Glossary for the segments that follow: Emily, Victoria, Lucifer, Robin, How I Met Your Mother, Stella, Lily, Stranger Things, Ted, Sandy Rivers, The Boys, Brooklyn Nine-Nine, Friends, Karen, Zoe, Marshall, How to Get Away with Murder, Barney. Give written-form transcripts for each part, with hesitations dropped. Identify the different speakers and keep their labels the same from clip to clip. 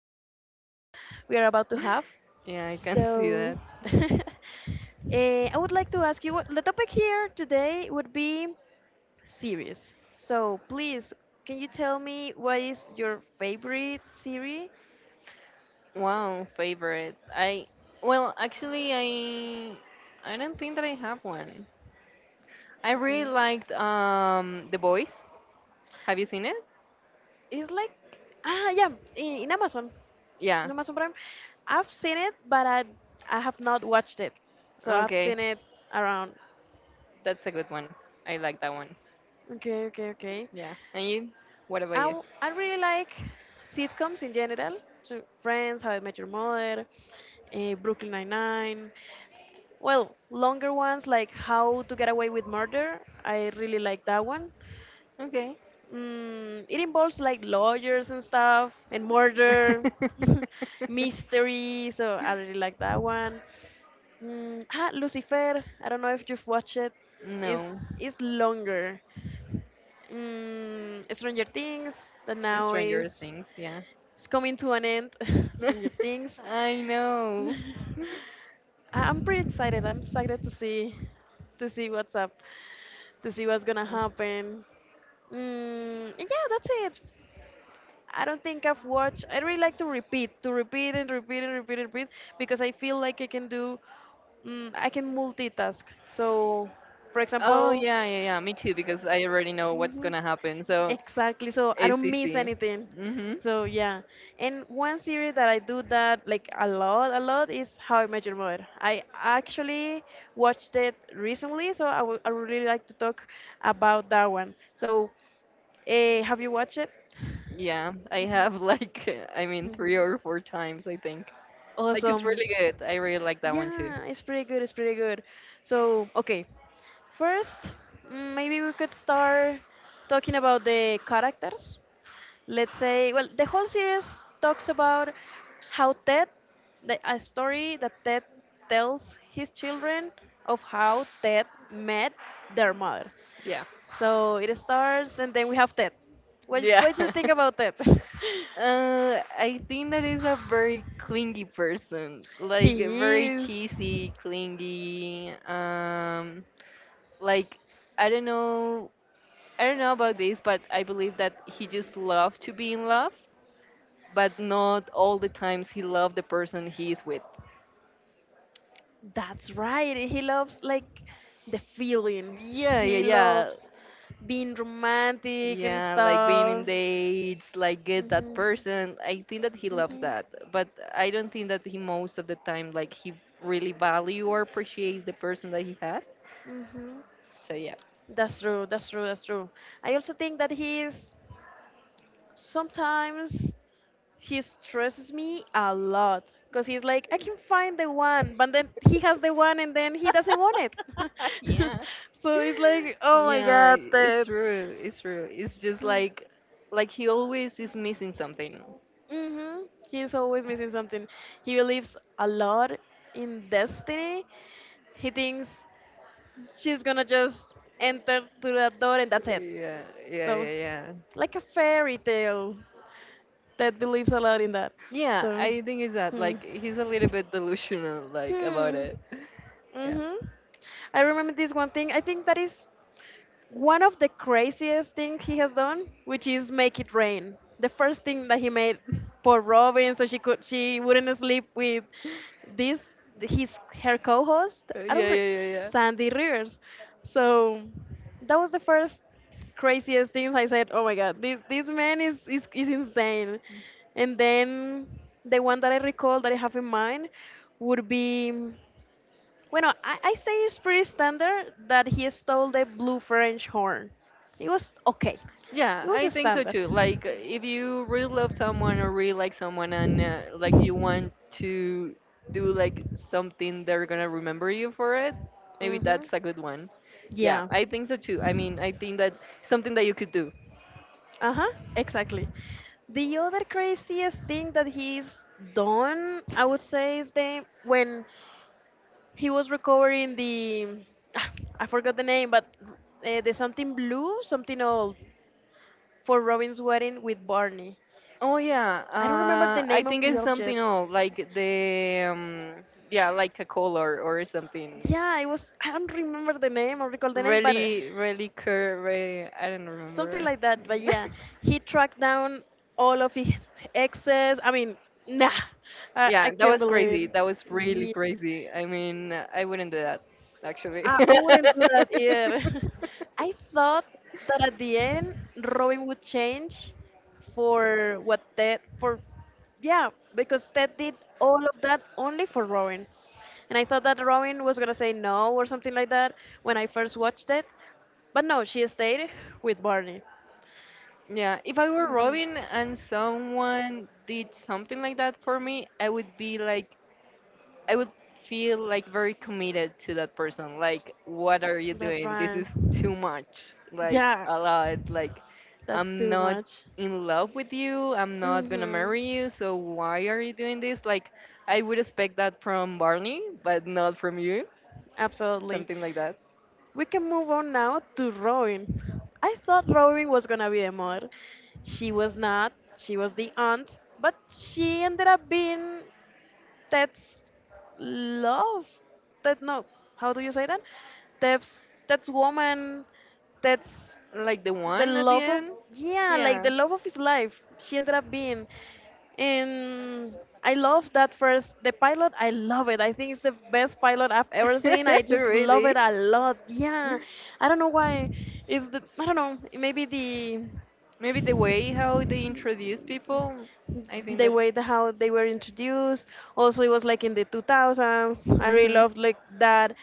Speaker 1: conversation we are about to have.
Speaker 2: Yeah, I can see
Speaker 1: So,
Speaker 2: that.
Speaker 1: I would like to ask you what the topic here today would be series. So please, can you tell me what is your favorite series?
Speaker 2: Wow, favorite. I well, actually, I don't think that I have one. I really
Speaker 1: Okay.
Speaker 2: liked The Boys. Have you seen it?
Speaker 1: It's like ah yeah, i- in Amazon,
Speaker 2: Yeah.
Speaker 1: in Amazon Prime. I've seen it, but I have not watched it. So I've
Speaker 2: Okay,
Speaker 1: seen it around.
Speaker 2: that's a good one. I like that one.
Speaker 1: Okay, okay, okay.
Speaker 2: Yeah. And you? What about you?
Speaker 1: I really like sitcoms in general. So Friends, How I Met Your Mother, Brooklyn Nine Nine. Well, longer ones like How to Get Away with Murder. I really like that one.
Speaker 2: Okay.
Speaker 1: It involves like lawyers and stuff and murder, mystery. So I really like that one. Lucifer. I don't know if you've watched it. It's
Speaker 2: No,
Speaker 1: it's longer. Stranger Things that now
Speaker 2: Stranger
Speaker 1: is
Speaker 2: Things. Yeah.
Speaker 1: it's coming to an end. Stranger Things.
Speaker 2: I know.
Speaker 1: I'm pretty excited. I'm excited to see what's up, to see what's gonna happen. And yeah, that's it. I don't think I've watched. I really like to repeat and repeat and repeat and repeat because I feel like I can do, I can multitask. So, for
Speaker 2: Oh
Speaker 1: example,
Speaker 2: yeah, yeah, yeah, me too, because I already know what's
Speaker 1: mhm.
Speaker 2: gonna happen. So
Speaker 1: Exactly. So I
Speaker 2: it's
Speaker 1: don't miss
Speaker 2: easy.
Speaker 1: anything.
Speaker 2: Mhm.
Speaker 1: So yeah. And one series that I do that like a lot is How I Met Your Mother. I actually watched it recently, so I would really like to talk about that one. So, have you watched it?
Speaker 2: Yeah, I have like I mean three or four times I think. Like it's
Speaker 1: Awesome.
Speaker 2: really good. I really like that one too.
Speaker 1: Yeah, it's pretty good. It's pretty good. So, okay. First, maybe we could start talking about the characters. Let's say, well, the whole series talks about how Ted, a story that Ted tells his children of how Ted met their mother.
Speaker 2: Yeah.
Speaker 1: So it starts, and then we have Ted.
Speaker 2: Yeah.
Speaker 1: What do you think about Ted?
Speaker 2: I think that is a very clingy person, like very
Speaker 1: he is.
Speaker 2: cheesy, clingy. Like I don't know I don't know about this, but I believe that he just loved to be in love, but not all the times he loved the person he is with.
Speaker 1: That's right. He loves like the feeling.
Speaker 2: Yeah, yeah,
Speaker 1: He
Speaker 2: yeah.
Speaker 1: loves being romantic and
Speaker 2: Yeah, like being
Speaker 1: stuff.
Speaker 2: in dates, like get that
Speaker 1: Mhm.
Speaker 2: person. I think that he loves
Speaker 1: Mhm.
Speaker 2: that, but I don't think that he most of the time like he really value or appreciates the person that he had.
Speaker 1: Mhm.
Speaker 2: So yeah.
Speaker 1: That's true. That's true. That's true. I also think that he's sometimes he stresses me a lot because he's like, I can find the one, but then he has the one and then he doesn't want it.
Speaker 2: Yeah.
Speaker 1: so it's like, oh my
Speaker 2: Yeah,
Speaker 1: god,
Speaker 2: it's
Speaker 1: that.
Speaker 2: true. It's true. It's just like he always is missing something.
Speaker 1: Mm-hmm. He's always missing something. He believes a lot in destiny. He thinks she's gonna just enter through that door and that's it.
Speaker 2: Yeah, yeah,
Speaker 1: So,
Speaker 2: yeah, yeah.
Speaker 1: like a fairy tale that believes a lot in that.
Speaker 2: Yeah,
Speaker 1: So,
Speaker 2: I think it's that.
Speaker 1: hmm.
Speaker 2: Like he's a little bit delusional, like about
Speaker 1: Hmm.
Speaker 2: it. Yeah.
Speaker 1: hmm I remember this one thing. I think that is one of the craziest things he has done, which is make it rain. The first thing that he made for Robin, so she wouldn't sleep with this his her co-host.
Speaker 2: Yeah,
Speaker 1: I
Speaker 2: yeah,
Speaker 1: don't re-
Speaker 2: yeah, yeah.
Speaker 1: Sandy Rivers. So that was the first craziest things I said. Oh my God, this man is insane. And then the one that I recall that I have in mind would be. Bueno, I say it's pretty standard that he stole the blue French horn. It was okay. It
Speaker 2: Yeah,
Speaker 1: was
Speaker 2: I
Speaker 1: a
Speaker 2: think so
Speaker 1: standard.
Speaker 2: too. Like, if you really love someone or really like someone and like you want to do like something they're gonna remember you for it, maybe
Speaker 1: Mm-hmm.
Speaker 2: that's a good one. Yeah,
Speaker 1: Yeah.
Speaker 2: I think so too. I mean, I think that something that you could do.
Speaker 1: Uh-huh. Exactly. The other craziest thing that he's done, I would say, is the when he was recovering the I forgot the name, but the something blue, something old for Robin's wedding with Barney.
Speaker 2: Oh yeah,
Speaker 1: I don't remember the
Speaker 2: I
Speaker 1: name of
Speaker 2: think
Speaker 1: the
Speaker 2: it's something
Speaker 1: object.
Speaker 2: old, like the yeah, like a color or something.
Speaker 1: Yeah, it was. I don't remember the name or recall the name, but
Speaker 2: Really, really cur. Really, I don't
Speaker 1: something
Speaker 2: remember.
Speaker 1: like that. But yeah, he tracked down all of his exes. I mean, nah, I
Speaker 2: Yeah, that
Speaker 1: can't
Speaker 2: was
Speaker 1: believe
Speaker 2: crazy.
Speaker 1: it.
Speaker 2: That was really
Speaker 1: Yeah.
Speaker 2: crazy. I mean, I wouldn't do that, actually.
Speaker 1: I wouldn't do that either. I thought that at the end Robin would change for what Ted for yeah, because Ted did all of that only for Robin. And I thought that Robin was gonna say no or something like that when I first watched it. But no, she stayed with Barney.
Speaker 2: Yeah, if I were
Speaker 1: Mhm.
Speaker 2: Robin and someone did something like that for me, I would be like I would feel like very committed to that person. Like, what are you
Speaker 1: That's
Speaker 2: doing? This
Speaker 1: right.
Speaker 2: is too much. Like,
Speaker 1: Yeah,
Speaker 2: a lot. Like,
Speaker 1: that's
Speaker 2: I'm
Speaker 1: too
Speaker 2: not
Speaker 1: much.
Speaker 2: in love with you. I'm not gonna
Speaker 1: Mhm.
Speaker 2: marry you. So why are you doing this? Like, I would expect that from Barney, but not from you.
Speaker 1: Absolutely.
Speaker 2: Something like that.
Speaker 1: We can move on now to Robin. I thought Robin was gonna be the mother. She was not. She was the aunt, but she ended up being Ted's love. Ted, no, how do you say that? Ted's woman. Ted's
Speaker 2: Like the
Speaker 1: the
Speaker 2: one at the
Speaker 1: love of
Speaker 2: end.
Speaker 1: yeah, like the
Speaker 2: Yeah.
Speaker 1: love of his life she ended up being. And I love that. First, the pilot, I love it. I think it's the best pilot I've ever seen. I just love it
Speaker 2: Really.
Speaker 1: a lot. Yeah, I don't know why. It's the, I don't know, maybe
Speaker 2: Maybe the way how they introduce people. I think
Speaker 1: the way the,
Speaker 2: that's.
Speaker 1: how they were introduced. Also, it was like in the 2000s. I really
Speaker 2: Mhm.
Speaker 1: loved like that.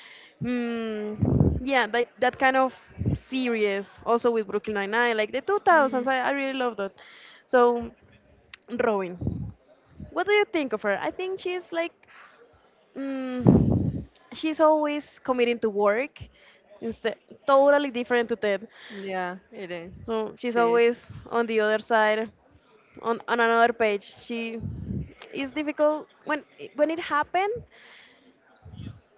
Speaker 1: Yeah, like that kind of series. Also with Brooklyn Nine-Nine, like the 2000s. I really loved that. So, Robin, what do you think of her? I think she's like, mm, she's always committing to work. Instead, totally different to Ted.
Speaker 2: Yeah, it is.
Speaker 1: So she's
Speaker 2: Cheese.
Speaker 1: always on the other side, on another page. She is difficult when it happened.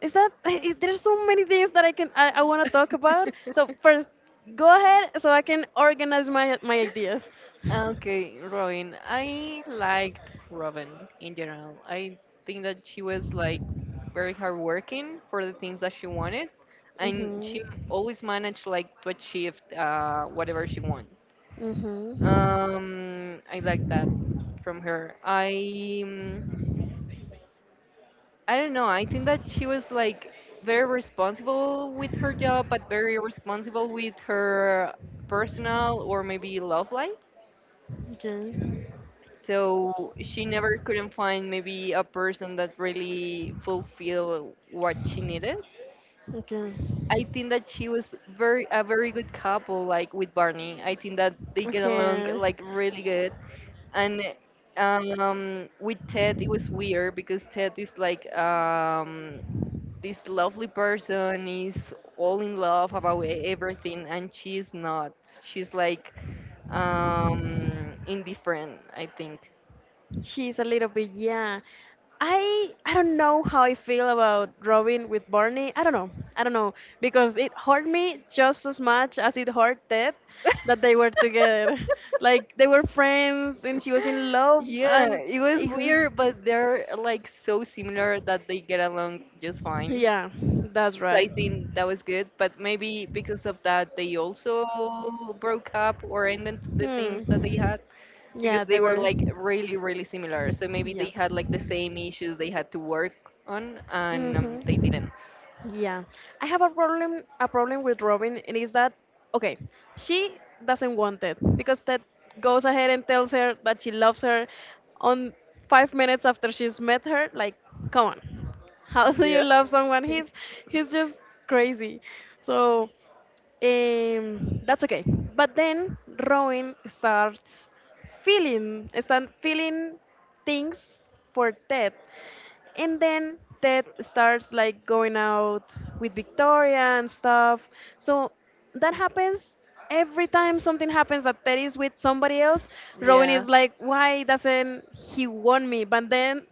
Speaker 1: Is that is, there's so many things that I want to talk about. So first, go ahead so I can organize my ideas.
Speaker 2: Okay, Robin. I liked Robin in general. I think that she was like very hardworking for the things that she wanted, and
Speaker 1: Mhm.
Speaker 2: she always managed like to achieve whatever she wanted.
Speaker 1: Mm-hmm.
Speaker 2: I like that from her. Mm, I don't know. I think that she was like very responsible with her job, but very responsible with her personal or maybe love life.
Speaker 1: Okay.
Speaker 2: So she never couldn't find maybe a person that really fulfilled what she needed.
Speaker 1: Okay.
Speaker 2: I think that she was very a very good couple like with Barney. I think that they get along
Speaker 1: Okay.
Speaker 2: like really good. And with Ted it was weird because Ted is like this lovely person is all in love about e- everything and she's not she's like indifferent I think.
Speaker 1: She's a little bit, yeah. I don't know how I feel about Robin with Barney. I don't know. I don't know because it hurt me just as much as it hurt Ted that they were together. Like they were friends and she was in love
Speaker 2: Yeah,
Speaker 1: and
Speaker 2: it was
Speaker 1: it-
Speaker 2: weird, but they're like so similar that they get along just fine,
Speaker 1: yeah, that's
Speaker 2: so I
Speaker 1: right.
Speaker 2: think that was good. But maybe because of that they also broke up or ended the things that they
Speaker 1: Hmm.
Speaker 2: had, because
Speaker 1: Yeah,
Speaker 2: they
Speaker 1: they
Speaker 2: were
Speaker 1: were.
Speaker 2: like really really similar. So maybe
Speaker 1: Yeah.
Speaker 2: they had like the same issues they had to work on, and they
Speaker 1: Mhm.
Speaker 2: didn't.
Speaker 1: Yeah, I have a problem with Robin, and is that okay? She doesn't want Ted because Ted goes ahead and tells her that she loves her on 5 minutes after she's met her. Like, come on, how do you
Speaker 2: Yeah.
Speaker 1: love someone? He's just crazy. So that's okay. But then Robin starts start feeling things for Ted, and then Ted starts like going out with Victoria and stuff. So that happens every time something happens that Ted is with somebody else. Rowan
Speaker 2: Yeah,
Speaker 1: is like, why doesn't he want me? But then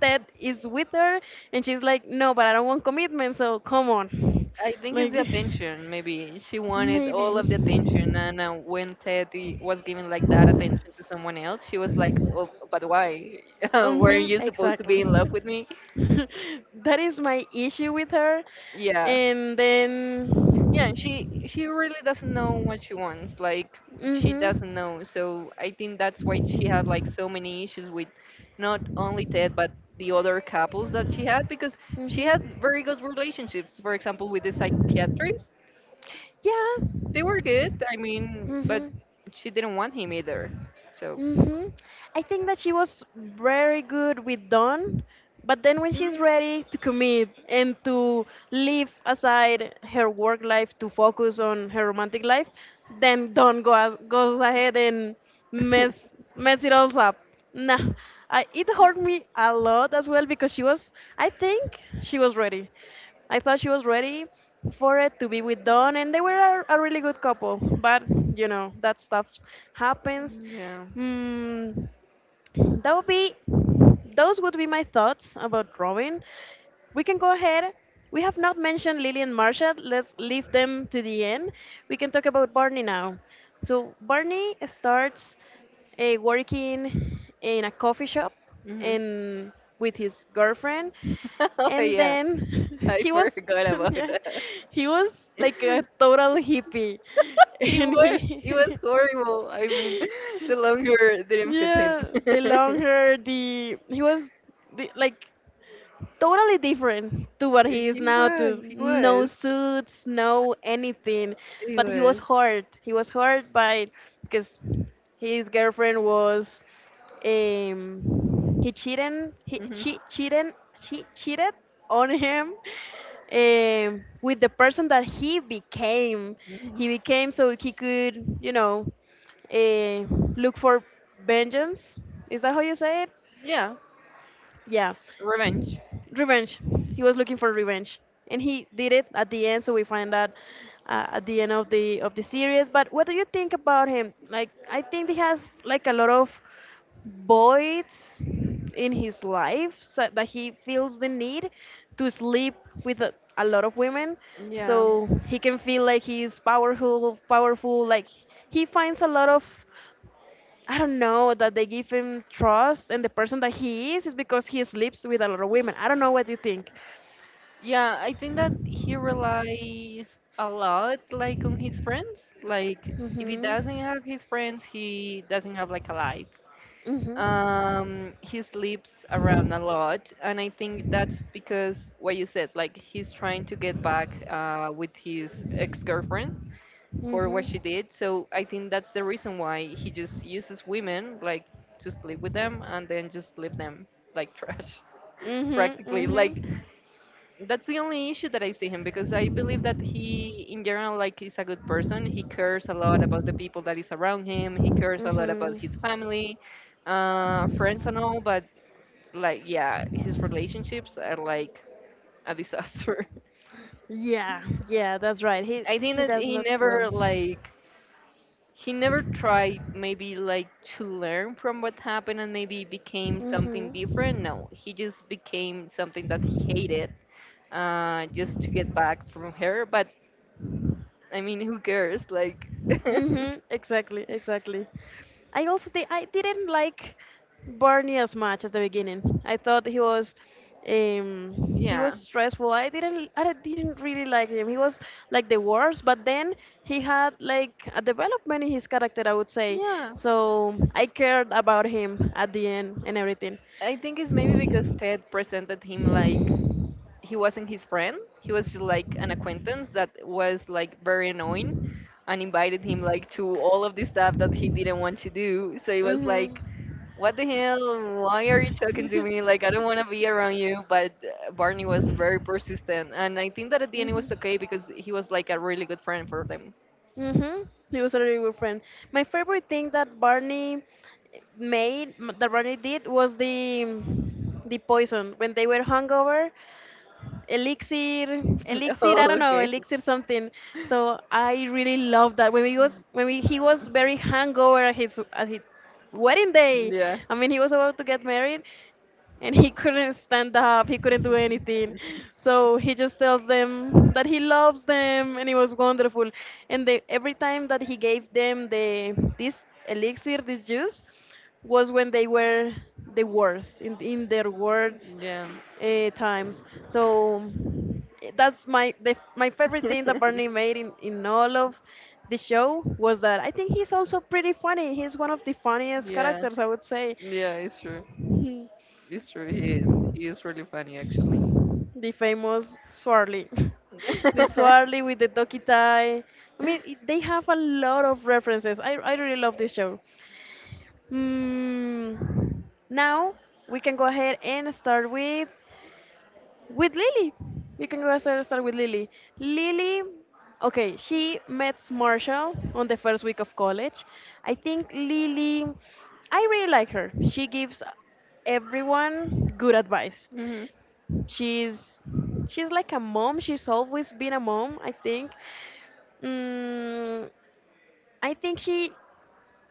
Speaker 1: Ted is with her and she's like, no, but I don't want commitment, so come on.
Speaker 2: I think it's
Speaker 1: Like,
Speaker 2: the attention. Maybe she wanted all of the
Speaker 1: maybe.
Speaker 2: attention, and when Teddy was giving like that attention to someone else she was like, oh, but why?
Speaker 1: Mm-hmm,
Speaker 2: Weren't you supposed to be
Speaker 1: exactly.
Speaker 2: in love with me?
Speaker 1: that is my issue with her.
Speaker 2: Yeah.
Speaker 1: And then.
Speaker 2: Yeah, and she really doesn't know what she wants. Like she
Speaker 1: Mm-hmm.
Speaker 2: doesn't know. So I think that's why she had like so many issues with not only Ted but the other couples that she had, because she had
Speaker 1: Mhm.
Speaker 2: very good relationships. For example, with the psychiatrist,
Speaker 1: Yeah.
Speaker 2: they were good. I mean, but
Speaker 1: Mhm.
Speaker 2: she didn't want him either. So
Speaker 1: Mhm. I think that she was very good with Dawn, but then when she's
Speaker 2: mm,
Speaker 1: ready to commit and to leave aside her work life to focus on her romantic life, then Dawn goes ahead and mess mess it all up. Nah, it hurt me a lot as well because she was, I think she was ready. I thought she was ready for it to be with Don, and they were a really good couple. But you know that stuff happens.
Speaker 2: yeah.
Speaker 1: Mm, that would be those would be my thoughts about drawing. We can go ahead. We have not mentioned Lily and Marsha. Let's leave them to the end. We can talk about Barney now. So Barney starts working in a coffee shop
Speaker 2: Hmm.
Speaker 1: and with his girlfriend,
Speaker 2: Oh
Speaker 1: and
Speaker 2: yeah,
Speaker 1: then
Speaker 2: I
Speaker 1: he was
Speaker 2: forgot about
Speaker 1: yeah,
Speaker 2: that.
Speaker 1: he was like a total hippie, and
Speaker 2: He
Speaker 1: he
Speaker 2: was horrible. I mean, the longer didn't fit him.
Speaker 1: yeah, the long hair, the he was the like totally different to what he is
Speaker 2: He
Speaker 1: now, to
Speaker 2: was, he
Speaker 1: no
Speaker 2: was,
Speaker 1: suits, no anything.
Speaker 2: he
Speaker 1: But he was
Speaker 2: was.
Speaker 1: hurt, he was hurt by because his girlfriend was he cheated he
Speaker 2: Hmm.
Speaker 1: she cheated she cheated on him with the person that
Speaker 2: Hmm.
Speaker 1: he became so he could, you know, uh, look for vengeance, is that how you say it?
Speaker 2: Yeah,
Speaker 1: Yeah,
Speaker 2: revenge.
Speaker 1: revenge. He was looking for revenge, and he did it at the end. So we find that at the end of the series. But what do you think about him? Like, I think he has like a lot of voids in his life so that he feels the need to sleep with a lot of women
Speaker 2: Yeah,
Speaker 1: so he can feel like he's powerful, like he finds a lot of, I don't know, that they give him trust, and the person that he is because he sleeps with a lot of women. I don't know what you think.
Speaker 2: yeah. I think that he relies a lot, like, on his friends. Like, if he
Speaker 1: Mhm.
Speaker 2: doesn't have his friends, he doesn't have like a life.
Speaker 1: Mhm.
Speaker 2: He sleeps around a lot, and I think that's because what you said, like he's trying to get back with his ex-girlfriend for
Speaker 1: Mm-hmm.
Speaker 2: what she did. So I think that's the reason why he just uses women like to sleep with them and then just leave them like trash,
Speaker 1: Mm-hmm.
Speaker 2: practically. Like
Speaker 1: Mm-hmm.
Speaker 2: that's the only issue that I see him, because I believe that he, in general, like is a good person. He cares a lot about the people that is around him. He cares a lot about his family, friends and all, but like yeah his relationships are like a
Speaker 1: Mm-hmm.
Speaker 2: disaster.
Speaker 1: Yeah, yeah, that's right.
Speaker 2: I think
Speaker 1: He
Speaker 2: that
Speaker 1: does
Speaker 2: he
Speaker 1: not well.
Speaker 2: never like he never tried maybe like to learn from what happened and maybe became something
Speaker 1: Mhm.
Speaker 2: different. No, he just became something that he hated, just to get back from her. But I mean, who cares? Like,
Speaker 1: Mhm. Exactly. Exactly. I also I didn't like Barney as much at the beginning. I thought um he was
Speaker 2: yeah.
Speaker 1: stressful. I didn't really like him. He was like the worst, but then he had like a development in his character, I would say.
Speaker 2: Yeah,
Speaker 1: So I cared about him at the end and everything.
Speaker 2: I think it's maybe because Ted presented him like he wasn't his friend. He was just like an acquaintance that was like very annoying and invited him like to all of the stuff that he didn't want to do. So it was
Speaker 1: Mhm.
Speaker 2: like, what the hell? Why are you talking to me? Like I don't want to be around you. But Barney was very persistent, and I think that at the end it was
Speaker 1: Mhm.
Speaker 2: okay because he was like a really good friend for them.
Speaker 1: Mhm. He was a really good friend. My favorite thing that Barney made, m- that Barney did was the poison when they were hungover. elixir elixir i
Speaker 2: Oh,
Speaker 1: don't know
Speaker 2: okay.
Speaker 1: elixir something. So I really love that when he was very hungover at his wedding day.
Speaker 2: Yeah.
Speaker 1: I mean, he was about to get married and he couldn't stand up, he couldn't do anything, so he just tells them that he loves them and it was wonderful. Every time that he gave them the this elixir, this juice, was when they were in their worst
Speaker 2: Yeah.
Speaker 1: times. So that's my favorite thing that Barney made in all of the show. Was that I think he's also pretty funny. He's one of the funniest
Speaker 2: Yeah.
Speaker 1: characters, I would say.
Speaker 2: Yeah. It's true. It's true. He is. He is really funny, actually.
Speaker 1: The famous Swarly. The Swarly with the Doki tie. I mean, they have a lot of references. I really love this show. Mm, Now we can go ahead and start with Lily. We can go ahead and start with Lily. Lily, okay, she met Marshall on the first week of college. I think Lily, I really like her. She gives everyone good advice.
Speaker 2: Hmm.
Speaker 1: She's she's like a mom. She's always been a mom, I think. Mm, I think she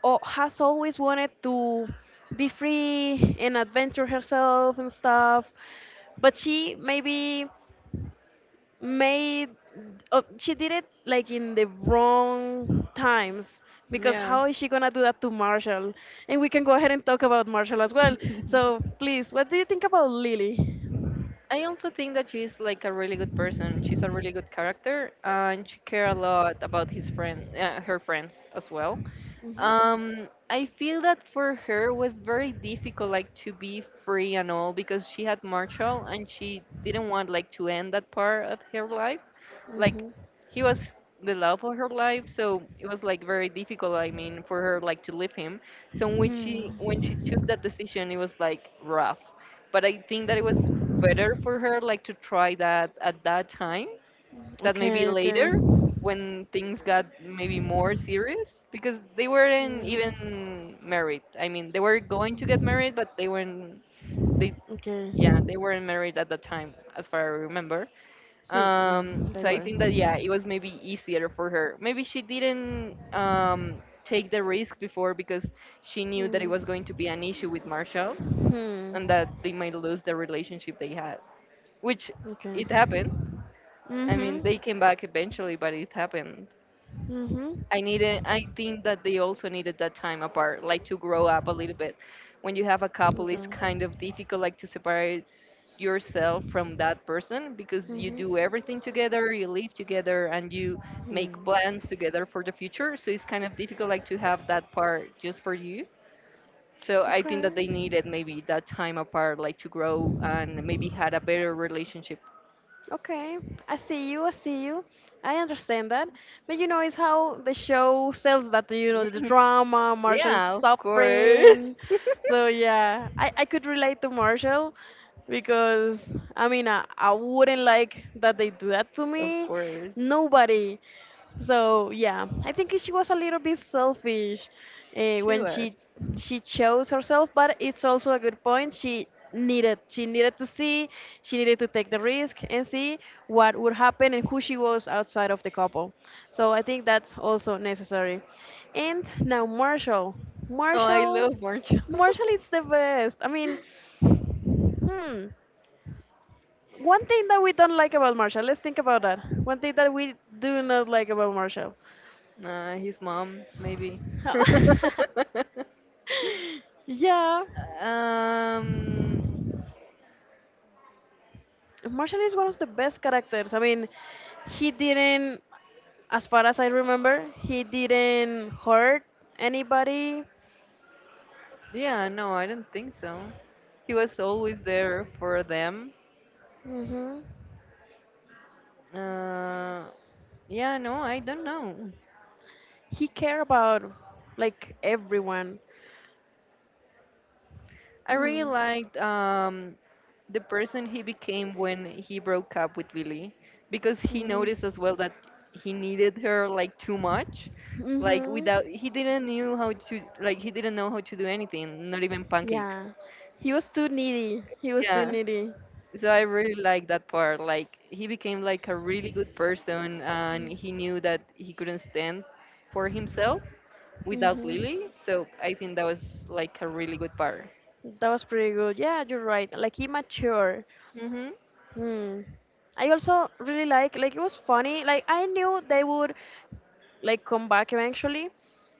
Speaker 1: has always wanted to be free and adventure herself and stuff, but she maybe made she did it like in the wrong times, because
Speaker 2: Yeah.
Speaker 1: how is she gonna do that to Marshall? And we can go ahead and talk about Marshall as well. So please, what do you think about Lily?
Speaker 2: I also think that she's like a really good person. She's a really good character, and she care a lot about his friend, her friends as well.
Speaker 1: Mhm. Mhm.
Speaker 2: I feel that for her was very difficult, like to be free and all, because she had Marshall, and she didn't want like to end that part of her life. Like he was the love of her life, so it was like very difficult, I mean, for her like to leave him. So when she took that decision it was like rough, but I think that it was better for her like to try that at that time that maybe
Speaker 1: Okay, okay.
Speaker 2: later, when things got maybe more serious, because they weren't
Speaker 1: Mm.
Speaker 2: even married. I mean, they were going to get married, but they weren't they
Speaker 1: Okay.
Speaker 2: yeah they weren't married at the time as far as I remember.
Speaker 1: Sí, mm, they
Speaker 2: So I
Speaker 1: were.
Speaker 2: think that yeah, it was maybe easier for her. Maybe she didn't take the risk before because she knew that it
Speaker 1: Mm.
Speaker 2: was going to be an issue with Marshall
Speaker 1: Hmm.
Speaker 2: and that they might lose the relationship they had, which
Speaker 1: Okay.
Speaker 2: it happened. I mean,
Speaker 1: Mm-hmm.
Speaker 2: they came back eventually, but it happened.
Speaker 1: Mm-hmm.
Speaker 2: I needed I think that they also needed that time apart, like to grow up a little bit. When you have a couple it's
Speaker 1: Yeah.
Speaker 2: kind of difficult like to separate yourself from that person, because you do
Speaker 1: Mm-hmm.
Speaker 2: everything together, you live together and you make
Speaker 1: Hmm.
Speaker 2: plans together for the future. So it's kind of difficult like to have that part just for you. So I think
Speaker 1: Okay.
Speaker 2: that they needed maybe that time apart like to grow and maybe had a better relationship.
Speaker 1: Okay. I see you. I see you. I understand that. But you know, it's how the show sells that, you know, the
Speaker 2: Mhm.
Speaker 1: drama, Marshall's
Speaker 2: Yeah, of course.
Speaker 1: suffering. So yeah, I could relate to Marshall because, I mean, I wouldn't like that they do that to
Speaker 2: Of
Speaker 1: me.
Speaker 2: course.
Speaker 1: Nobody. So yeah, I think she was a little bit selfish uh,
Speaker 2: She
Speaker 1: when she
Speaker 2: was.
Speaker 1: she chose herself, but it's also a good point. She needed to see, she needed to take the risk and see what would happen and who she was outside of the couple. So I think that's also necessary. And now Marshall,
Speaker 2: Oh, I
Speaker 1: Marshall,
Speaker 2: love Marshall.
Speaker 1: Marshall is the best. I mean, hmm, one thing that we don't like about Marshall, let's think about that. One thing that we do not like about Marshall.
Speaker 2: His mom, maybe.
Speaker 1: Yeah,
Speaker 2: um,
Speaker 1: Marshall is one of the best characters. I mean, he didn't, as far as I remember, he didn't hurt anybody.
Speaker 2: yeah, no, I don't think so. He was always there for them.
Speaker 1: Hmm.
Speaker 2: Uh, yeah, no, I don't know.
Speaker 1: He cared about like everyone.
Speaker 2: I really
Speaker 1: Hmm.
Speaker 2: liked the person he became when he broke up with Lily, because he
Speaker 1: Mm.
Speaker 2: noticed as well that he needed her like too much. Like
Speaker 1: Mhm.
Speaker 2: without, he didn't knew how to like he didn't know how to do anything, not even pancakes.
Speaker 1: Yeah. He was too needy. He was too
Speaker 2: Yeah.
Speaker 1: needy.
Speaker 2: So I really like that part. Like he became like a really good person and he knew that he couldn't stand for himself without
Speaker 1: Mm-hmm.
Speaker 2: Lily. So I think that was like a really good part.
Speaker 1: That was pretty good. Yeah, you're right, like he matured.
Speaker 2: Mhm.
Speaker 1: Hmm. I also really like it was funny. Like I knew they would like come back eventually.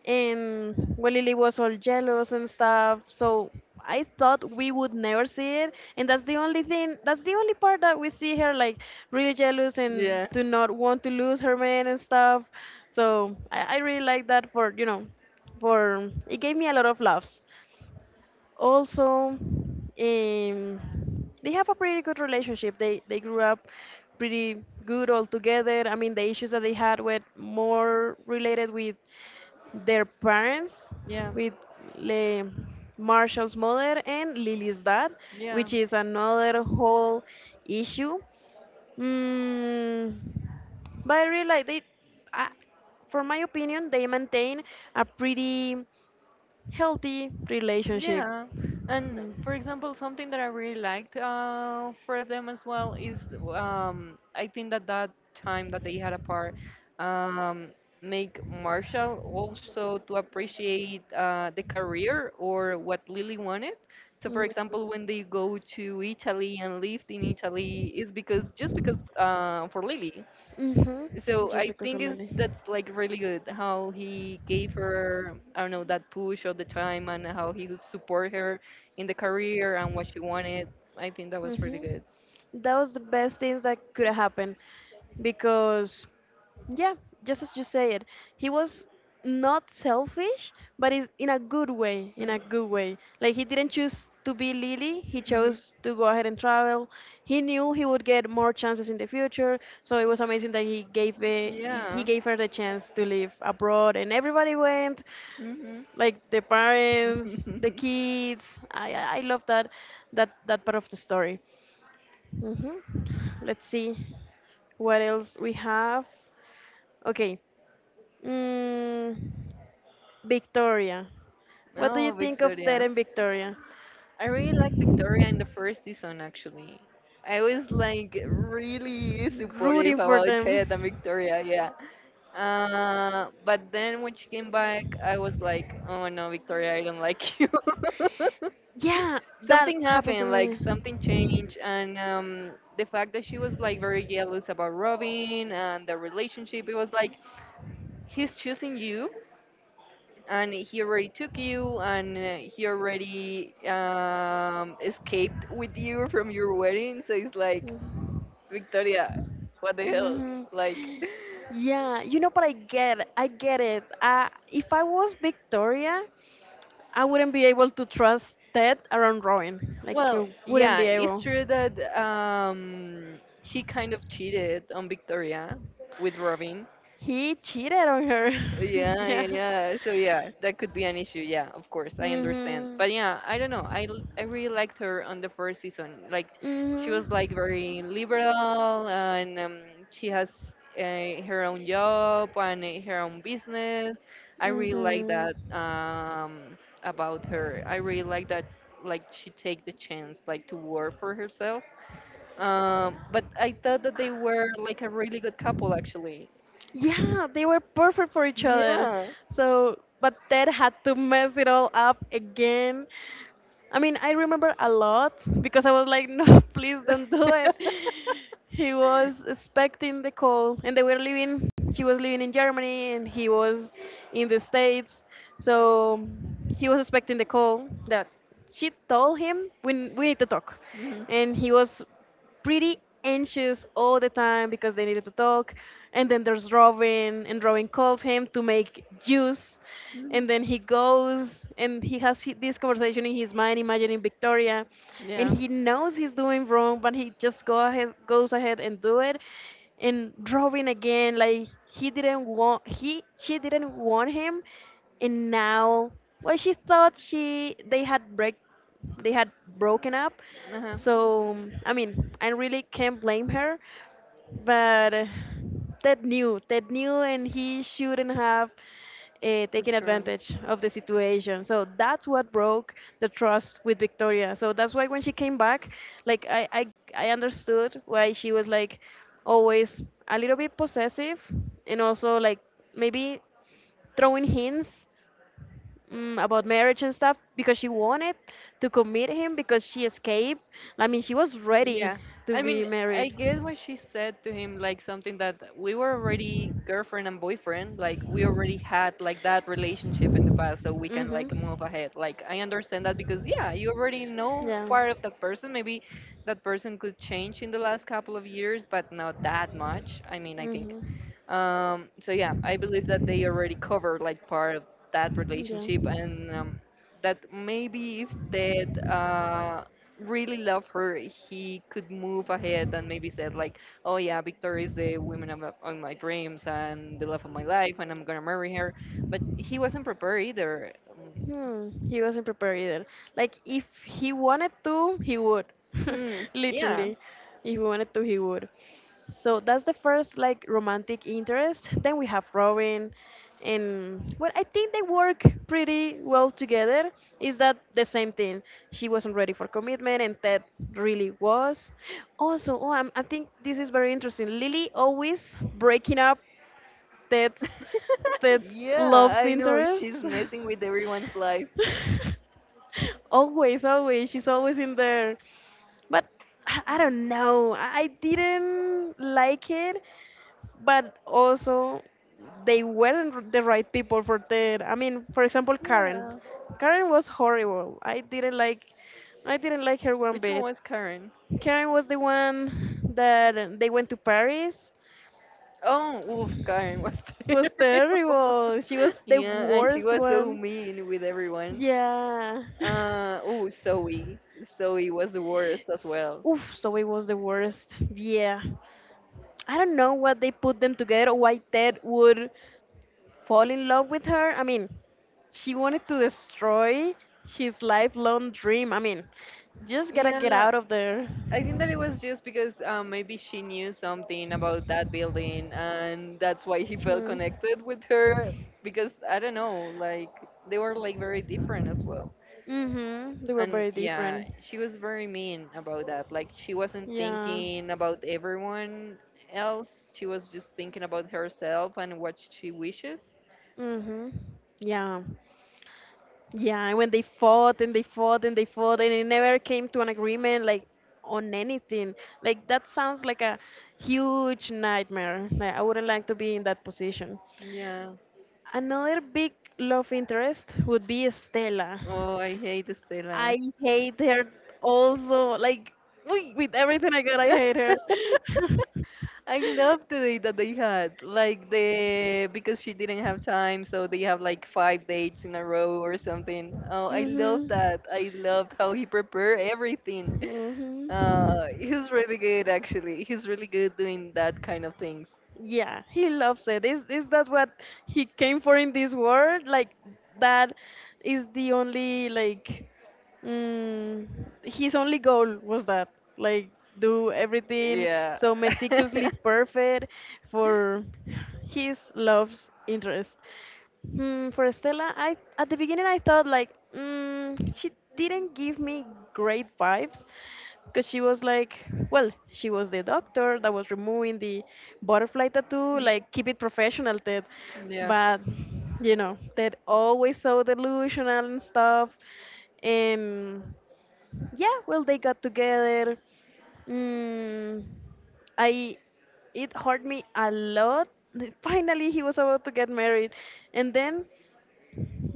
Speaker 1: And when Lily was all jealous and stuff, so I thought we would never see it. And that's the only part that we see her like really jealous and
Speaker 2: Yeah.
Speaker 1: do not want to lose her man and stuff. So I really like that, for you know, for it gave me a lot of laughs. Also, um, they have a pretty good relationship. They grew up pretty good all together. I mean, the issues that they had were more related with their parents,
Speaker 2: Yeah,
Speaker 1: with Le Marshall's mother and Lily's dad,
Speaker 2: yeah.
Speaker 1: which is another whole issue. Mm, but I really like I, for my opinion, they maintain a pretty healthy relationship.
Speaker 2: Yeah, and
Speaker 1: Mm.
Speaker 2: for example, something that I really liked for them as well is I think that that time that they had apart um, make Marshall also to appreciate the career or what Lily wanted. So, for example, when they go to Italy and lived in Italy, is because just because for Lily. So I think is that's like really good how he gave her, I don't know, that push all the time and how he would support her in the career and what she wanted. I think that was really
Speaker 1: Hmm.
Speaker 2: good.
Speaker 1: That was the best things that could have happened because yeah, just as you say it, he was not selfish, but is in a good way, in
Speaker 2: Mm-hmm.
Speaker 1: a good way. Like he didn't choose to be Lily, he
Speaker 2: Mm-hmm.
Speaker 1: chose to go ahead and travel. He knew he would get more chances in the future, so it was amazing that he gave it, he
Speaker 2: Yeah.
Speaker 1: gave her the chance to live abroad and everybody went,
Speaker 2: Hmm.
Speaker 1: like the parents, the kids. I love that part of the story. Hmm. Let's see what else we have. Okay, mm, Victoria. What do you
Speaker 2: Oh,
Speaker 1: think of Ted
Speaker 2: Victoria.
Speaker 1: and Victoria?
Speaker 2: I really like Victoria in the first season actually. I was like really supportive
Speaker 1: Rooting for
Speaker 2: about Chet and
Speaker 1: them.
Speaker 2: Victoria. Yeah. But then when she came back, I was like, oh no, Victoria, I don't like you.
Speaker 1: Yeah, that
Speaker 2: Something
Speaker 1: happened to
Speaker 2: happened, like something
Speaker 1: me.
Speaker 2: changed, and the fact that she was like very jealous about Robin and the relationship. It was like, he's choosing you, and he already took you, and he already escaped with you from your wedding. So it's like, Victoria, what the hell,
Speaker 1: Hmm.
Speaker 2: like.
Speaker 1: Yeah, you know, but I get it. I get it. If I was Victoria, I wouldn't be able to trust Ted around Robin. Like,
Speaker 2: Well,
Speaker 1: I wouldn't
Speaker 2: yeah,
Speaker 1: be
Speaker 2: it's
Speaker 1: able.
Speaker 2: true that he kind of cheated on Victoria with Robin,
Speaker 1: He cheated on her.
Speaker 2: yeah,
Speaker 1: Yeah.
Speaker 2: yeah, yeah. So yeah, that could be an issue. Yeah, of course, I understand.
Speaker 1: Mhm.
Speaker 2: But yeah, I don't know. I really liked her on the first season. Like, she
Speaker 1: Mhm.
Speaker 2: was like very liberal, and she has her own job and her own business. I really like
Speaker 1: Mhm.
Speaker 2: that about her. I really like that. Like, she take the chance like to work for herself. But I thought that they were like a really good couple actually.
Speaker 1: Yeah, they were perfect for each other.
Speaker 2: Yeah.
Speaker 1: So, but Ted had to mess it all up again. I mean, I remember a lot because I was like, no, please don't do it. He was expecting the call, and she was living in Germany, and he was in the States. So he was expecting the call that she told him, we need to talk.
Speaker 2: Mhm.
Speaker 1: And he was pretty anxious all the time because they needed to talk. And then there's Robin, and Robin calls him to make juice. And
Speaker 2: Mhm.
Speaker 1: then he goes and he has this conversation in his mind, imagining Victoria, and
Speaker 2: Yeah.
Speaker 1: he knows he's doing wrong, but he just goes ahead and do it. And Robin again, like he didn't want he she didn't want him, and now, well, she thought she they had they had broken up.
Speaker 2: Uh huh.
Speaker 1: So I mean, I really can't blame her, but Ted knew, and he shouldn't have taken
Speaker 2: That's true.
Speaker 1: advantage of the situation. So that's what broke the trust with Victoria. So that's why when she came back, like I, I, I understood why she was like always a little bit possessive and also like maybe throwing hints, mm, about marriage and stuff, because she wanted to commit him because she escaped. I mean, she was ready
Speaker 2: Yeah.
Speaker 1: to
Speaker 2: I mean,
Speaker 1: be
Speaker 2: I
Speaker 1: married.
Speaker 2: get what she said to him, like something that we were already girlfriend and boyfriend, like we already had like that relationship in the past, so we can
Speaker 1: Mhm.
Speaker 2: like move ahead. Like I understand that because yeah, you already know
Speaker 1: Yeah.
Speaker 2: part of that person. Maybe that person could change in the last couple of years, but not that much. I mean, I think
Speaker 1: Mm-hmm.
Speaker 2: so
Speaker 1: Yeah.
Speaker 2: yeah, I believe that they already covered like part of that relationship, and that maybe if Ted really loved her, he could move ahead and maybe said like, "Oh yeah, Victoria is the woman of my dreams and the love of my life, and I'm gonna marry her." But he wasn't prepared either.
Speaker 1: Hmm, he wasn't prepared either. Like, if he wanted to, he would.
Speaker 2: Hmm. Yeah.
Speaker 1: Literally. If he wanted to, he would. So that's the first, like, romantic interest. Then we have Robin. And well, I think they work pretty well together. Is that the same thing? She wasn't ready for commitment, and Ted really was. Also, I think this is very interesting. Lily always breaking up Ted's Ted's
Speaker 2: Yeah,
Speaker 1: love's
Speaker 2: I know
Speaker 1: interest.
Speaker 2: she's messing with everyone's life.
Speaker 1: Always, always, she's always in there. But I don't know. I didn't like it, but also they weren't the right people for that. I mean, for example, Karen.
Speaker 2: Yeah,
Speaker 1: Karen was horrible. I didn't like her one
Speaker 2: which one
Speaker 1: bit.
Speaker 2: was Karen?
Speaker 1: Karen was the one that they went to Paris.
Speaker 2: Oh, oof, Karen was
Speaker 1: Was
Speaker 2: terrible.
Speaker 1: terrible. She was the
Speaker 2: Yeah, and she
Speaker 1: worst
Speaker 2: was so
Speaker 1: one.
Speaker 2: mean with everyone.
Speaker 1: Yeah.
Speaker 2: Oh, Zoe. Zoe was the worst as well.
Speaker 1: Oof, so it was the worst. Yeah. I don't know what they put them together or why Ted would fall in love with her. I mean, she wanted to destroy his lifelong dream. I mean, just gotta get
Speaker 2: Yeah,
Speaker 1: out of there.
Speaker 2: I think that it was just because maybe she knew something about that building and that's why he felt
Speaker 1: Mm.
Speaker 2: connected with her because I don't know, like they were like very different as well.
Speaker 1: Mhm. They were
Speaker 2: And
Speaker 1: very
Speaker 2: yeah,
Speaker 1: different.
Speaker 2: she was very mean about that, like she wasn't
Speaker 1: Yeah.
Speaker 2: thinking about everyone else, she was just thinking about herself and what she wishes.
Speaker 1: Mhm. Yeah. Yeah, and when they fought and they fought and they fought and it never came to an agreement like on anything. Like that sounds like a huge nightmare. Like I wouldn't like to be in that position.
Speaker 2: Yeah.
Speaker 1: Another big love interest would be Stella.
Speaker 2: Oh, I hate Stella.
Speaker 1: I hate her also. Like, with everything I got, I hate her.
Speaker 2: I love the date that they had, like the because she didn't have time, so they have like five dates in a row or something. Oh, I love
Speaker 1: Mhm.
Speaker 2: that. I loved how he prepared everything.
Speaker 1: Mhm.
Speaker 2: He's really good, actually. He's really good doing that kind of things.
Speaker 1: Yeah, he loves it. Is that what he came for in this world? Like, that is the only, like, mm, his only goal was that, like, do everything
Speaker 2: Yeah.
Speaker 1: so meticulously perfect for his love's interest. Hmm, for Estela, I at the beginning I thought like, mm, she didn't give me great vibes because she was like, well, she was the doctor that was removing the butterfly tattoo, like keep it professional, Ted.
Speaker 2: Yeah.
Speaker 1: But you know, Ted always so delusional and stuff. And yeah, well, they got together. Mm, I it hurt me a lot. Finally, he was about to get married, and then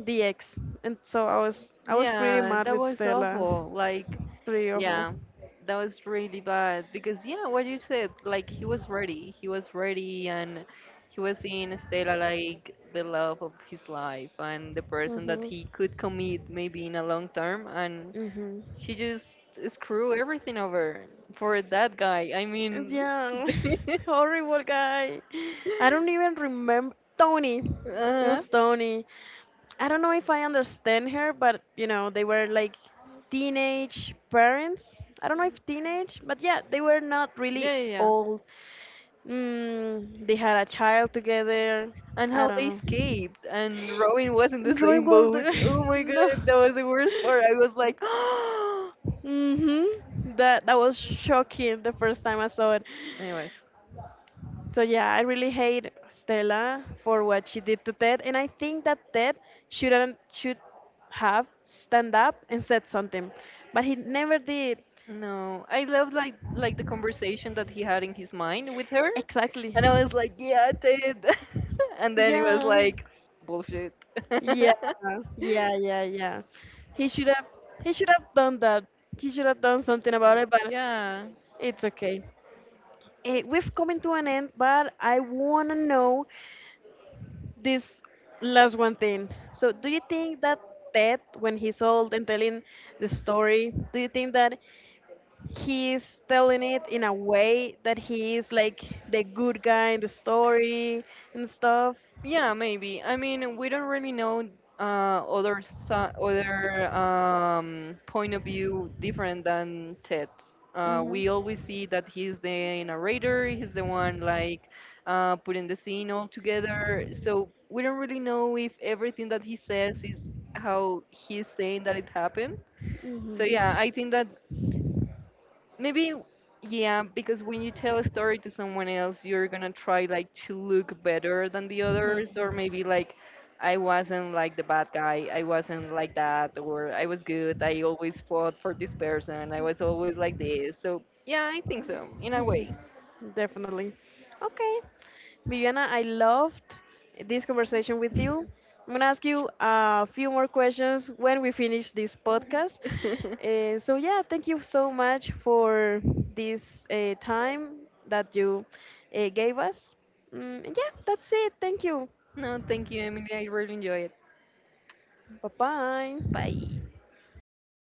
Speaker 1: the ex. And so I was pretty
Speaker 2: Yeah,
Speaker 1: mad
Speaker 2: that
Speaker 1: with
Speaker 2: was
Speaker 1: Stella.
Speaker 2: awful. Like,
Speaker 1: Pretty awful.
Speaker 2: yeah, that was really bad because yeah, what you said, like he was ready. He was ready, and he was seeing Stella like the love of his life and the person that
Speaker 1: Mhm.
Speaker 2: he could commit maybe in a long term, and
Speaker 1: Mhm.
Speaker 2: she just screw everything over for that guy. I mean,
Speaker 1: Yeah.
Speaker 2: uh,
Speaker 1: Horrible guy. I don't even remember Tony.
Speaker 2: huh.
Speaker 1: It
Speaker 2: Yeah,
Speaker 1: was Tony. I don't know if I understand her, but you know, they were like teenage parents. I don't know if teenage, but yeah, they were not really
Speaker 2: yeah, yeah.
Speaker 1: old. Mm, they had a child together.
Speaker 2: And
Speaker 1: I
Speaker 2: how
Speaker 1: don't
Speaker 2: they
Speaker 1: know.
Speaker 2: escaped, and Robin was in the
Speaker 1: Roy
Speaker 2: same
Speaker 1: was
Speaker 2: boat.
Speaker 1: there.
Speaker 2: Oh my
Speaker 1: No.
Speaker 2: god, that was the worst part. I was like,
Speaker 1: Mhm. That that was shocking the first time I saw it.
Speaker 2: anyways,
Speaker 1: So yeah, I really hate Stella for what she did to Ted, and I think that Ted shouldn't should have stand up and said something, but he never did.
Speaker 2: no, I loved, like the conversation that he had in his mind with her,
Speaker 1: Exactly.
Speaker 2: and I was like, yeah, Ted, and then it was
Speaker 1: Yeah.
Speaker 2: like bullshit.
Speaker 1: Yeah. Yeah. Yeah. Yeah. He should have. He should have done that. He should have done something about it, but
Speaker 2: Yeah.
Speaker 1: it's okay. Eh, we've come to an end, but I wanna know this last one thing. So, do you think that Ted, when he's old and telling the story, do you think that he's telling it in a way that he is like the good guy in the story and stuff?
Speaker 2: Yeah, maybe. I mean, we don't really know uh, other point of view different than Ted's. We always see that he's the narrator, he's the one like putting the scene all together. So we don't really know if everything that he says is how he's saying that it happened. So yeah,
Speaker 1: So
Speaker 2: I think that maybe, yeah, because when you tell a story to someone else, you're gonna try like to look better than the
Speaker 1: things like.
Speaker 2: others, or maybe like, I wasn't like the bad guy, I wasn't like that, or I was good, I always fought for this person, I was always like this. So, yeah, I think so, in a way.
Speaker 1: Definitely. Okay. Viviana, I loved this conversation with you. I'm going to ask you a few more questions when we finish this podcast. So yeah, thank you so much for this time that you gave us. Mm, and yeah, that's it. Thank you.
Speaker 2: No, thank you, Emily, I really enjoy it.
Speaker 1: Bye bye.
Speaker 2: Bye.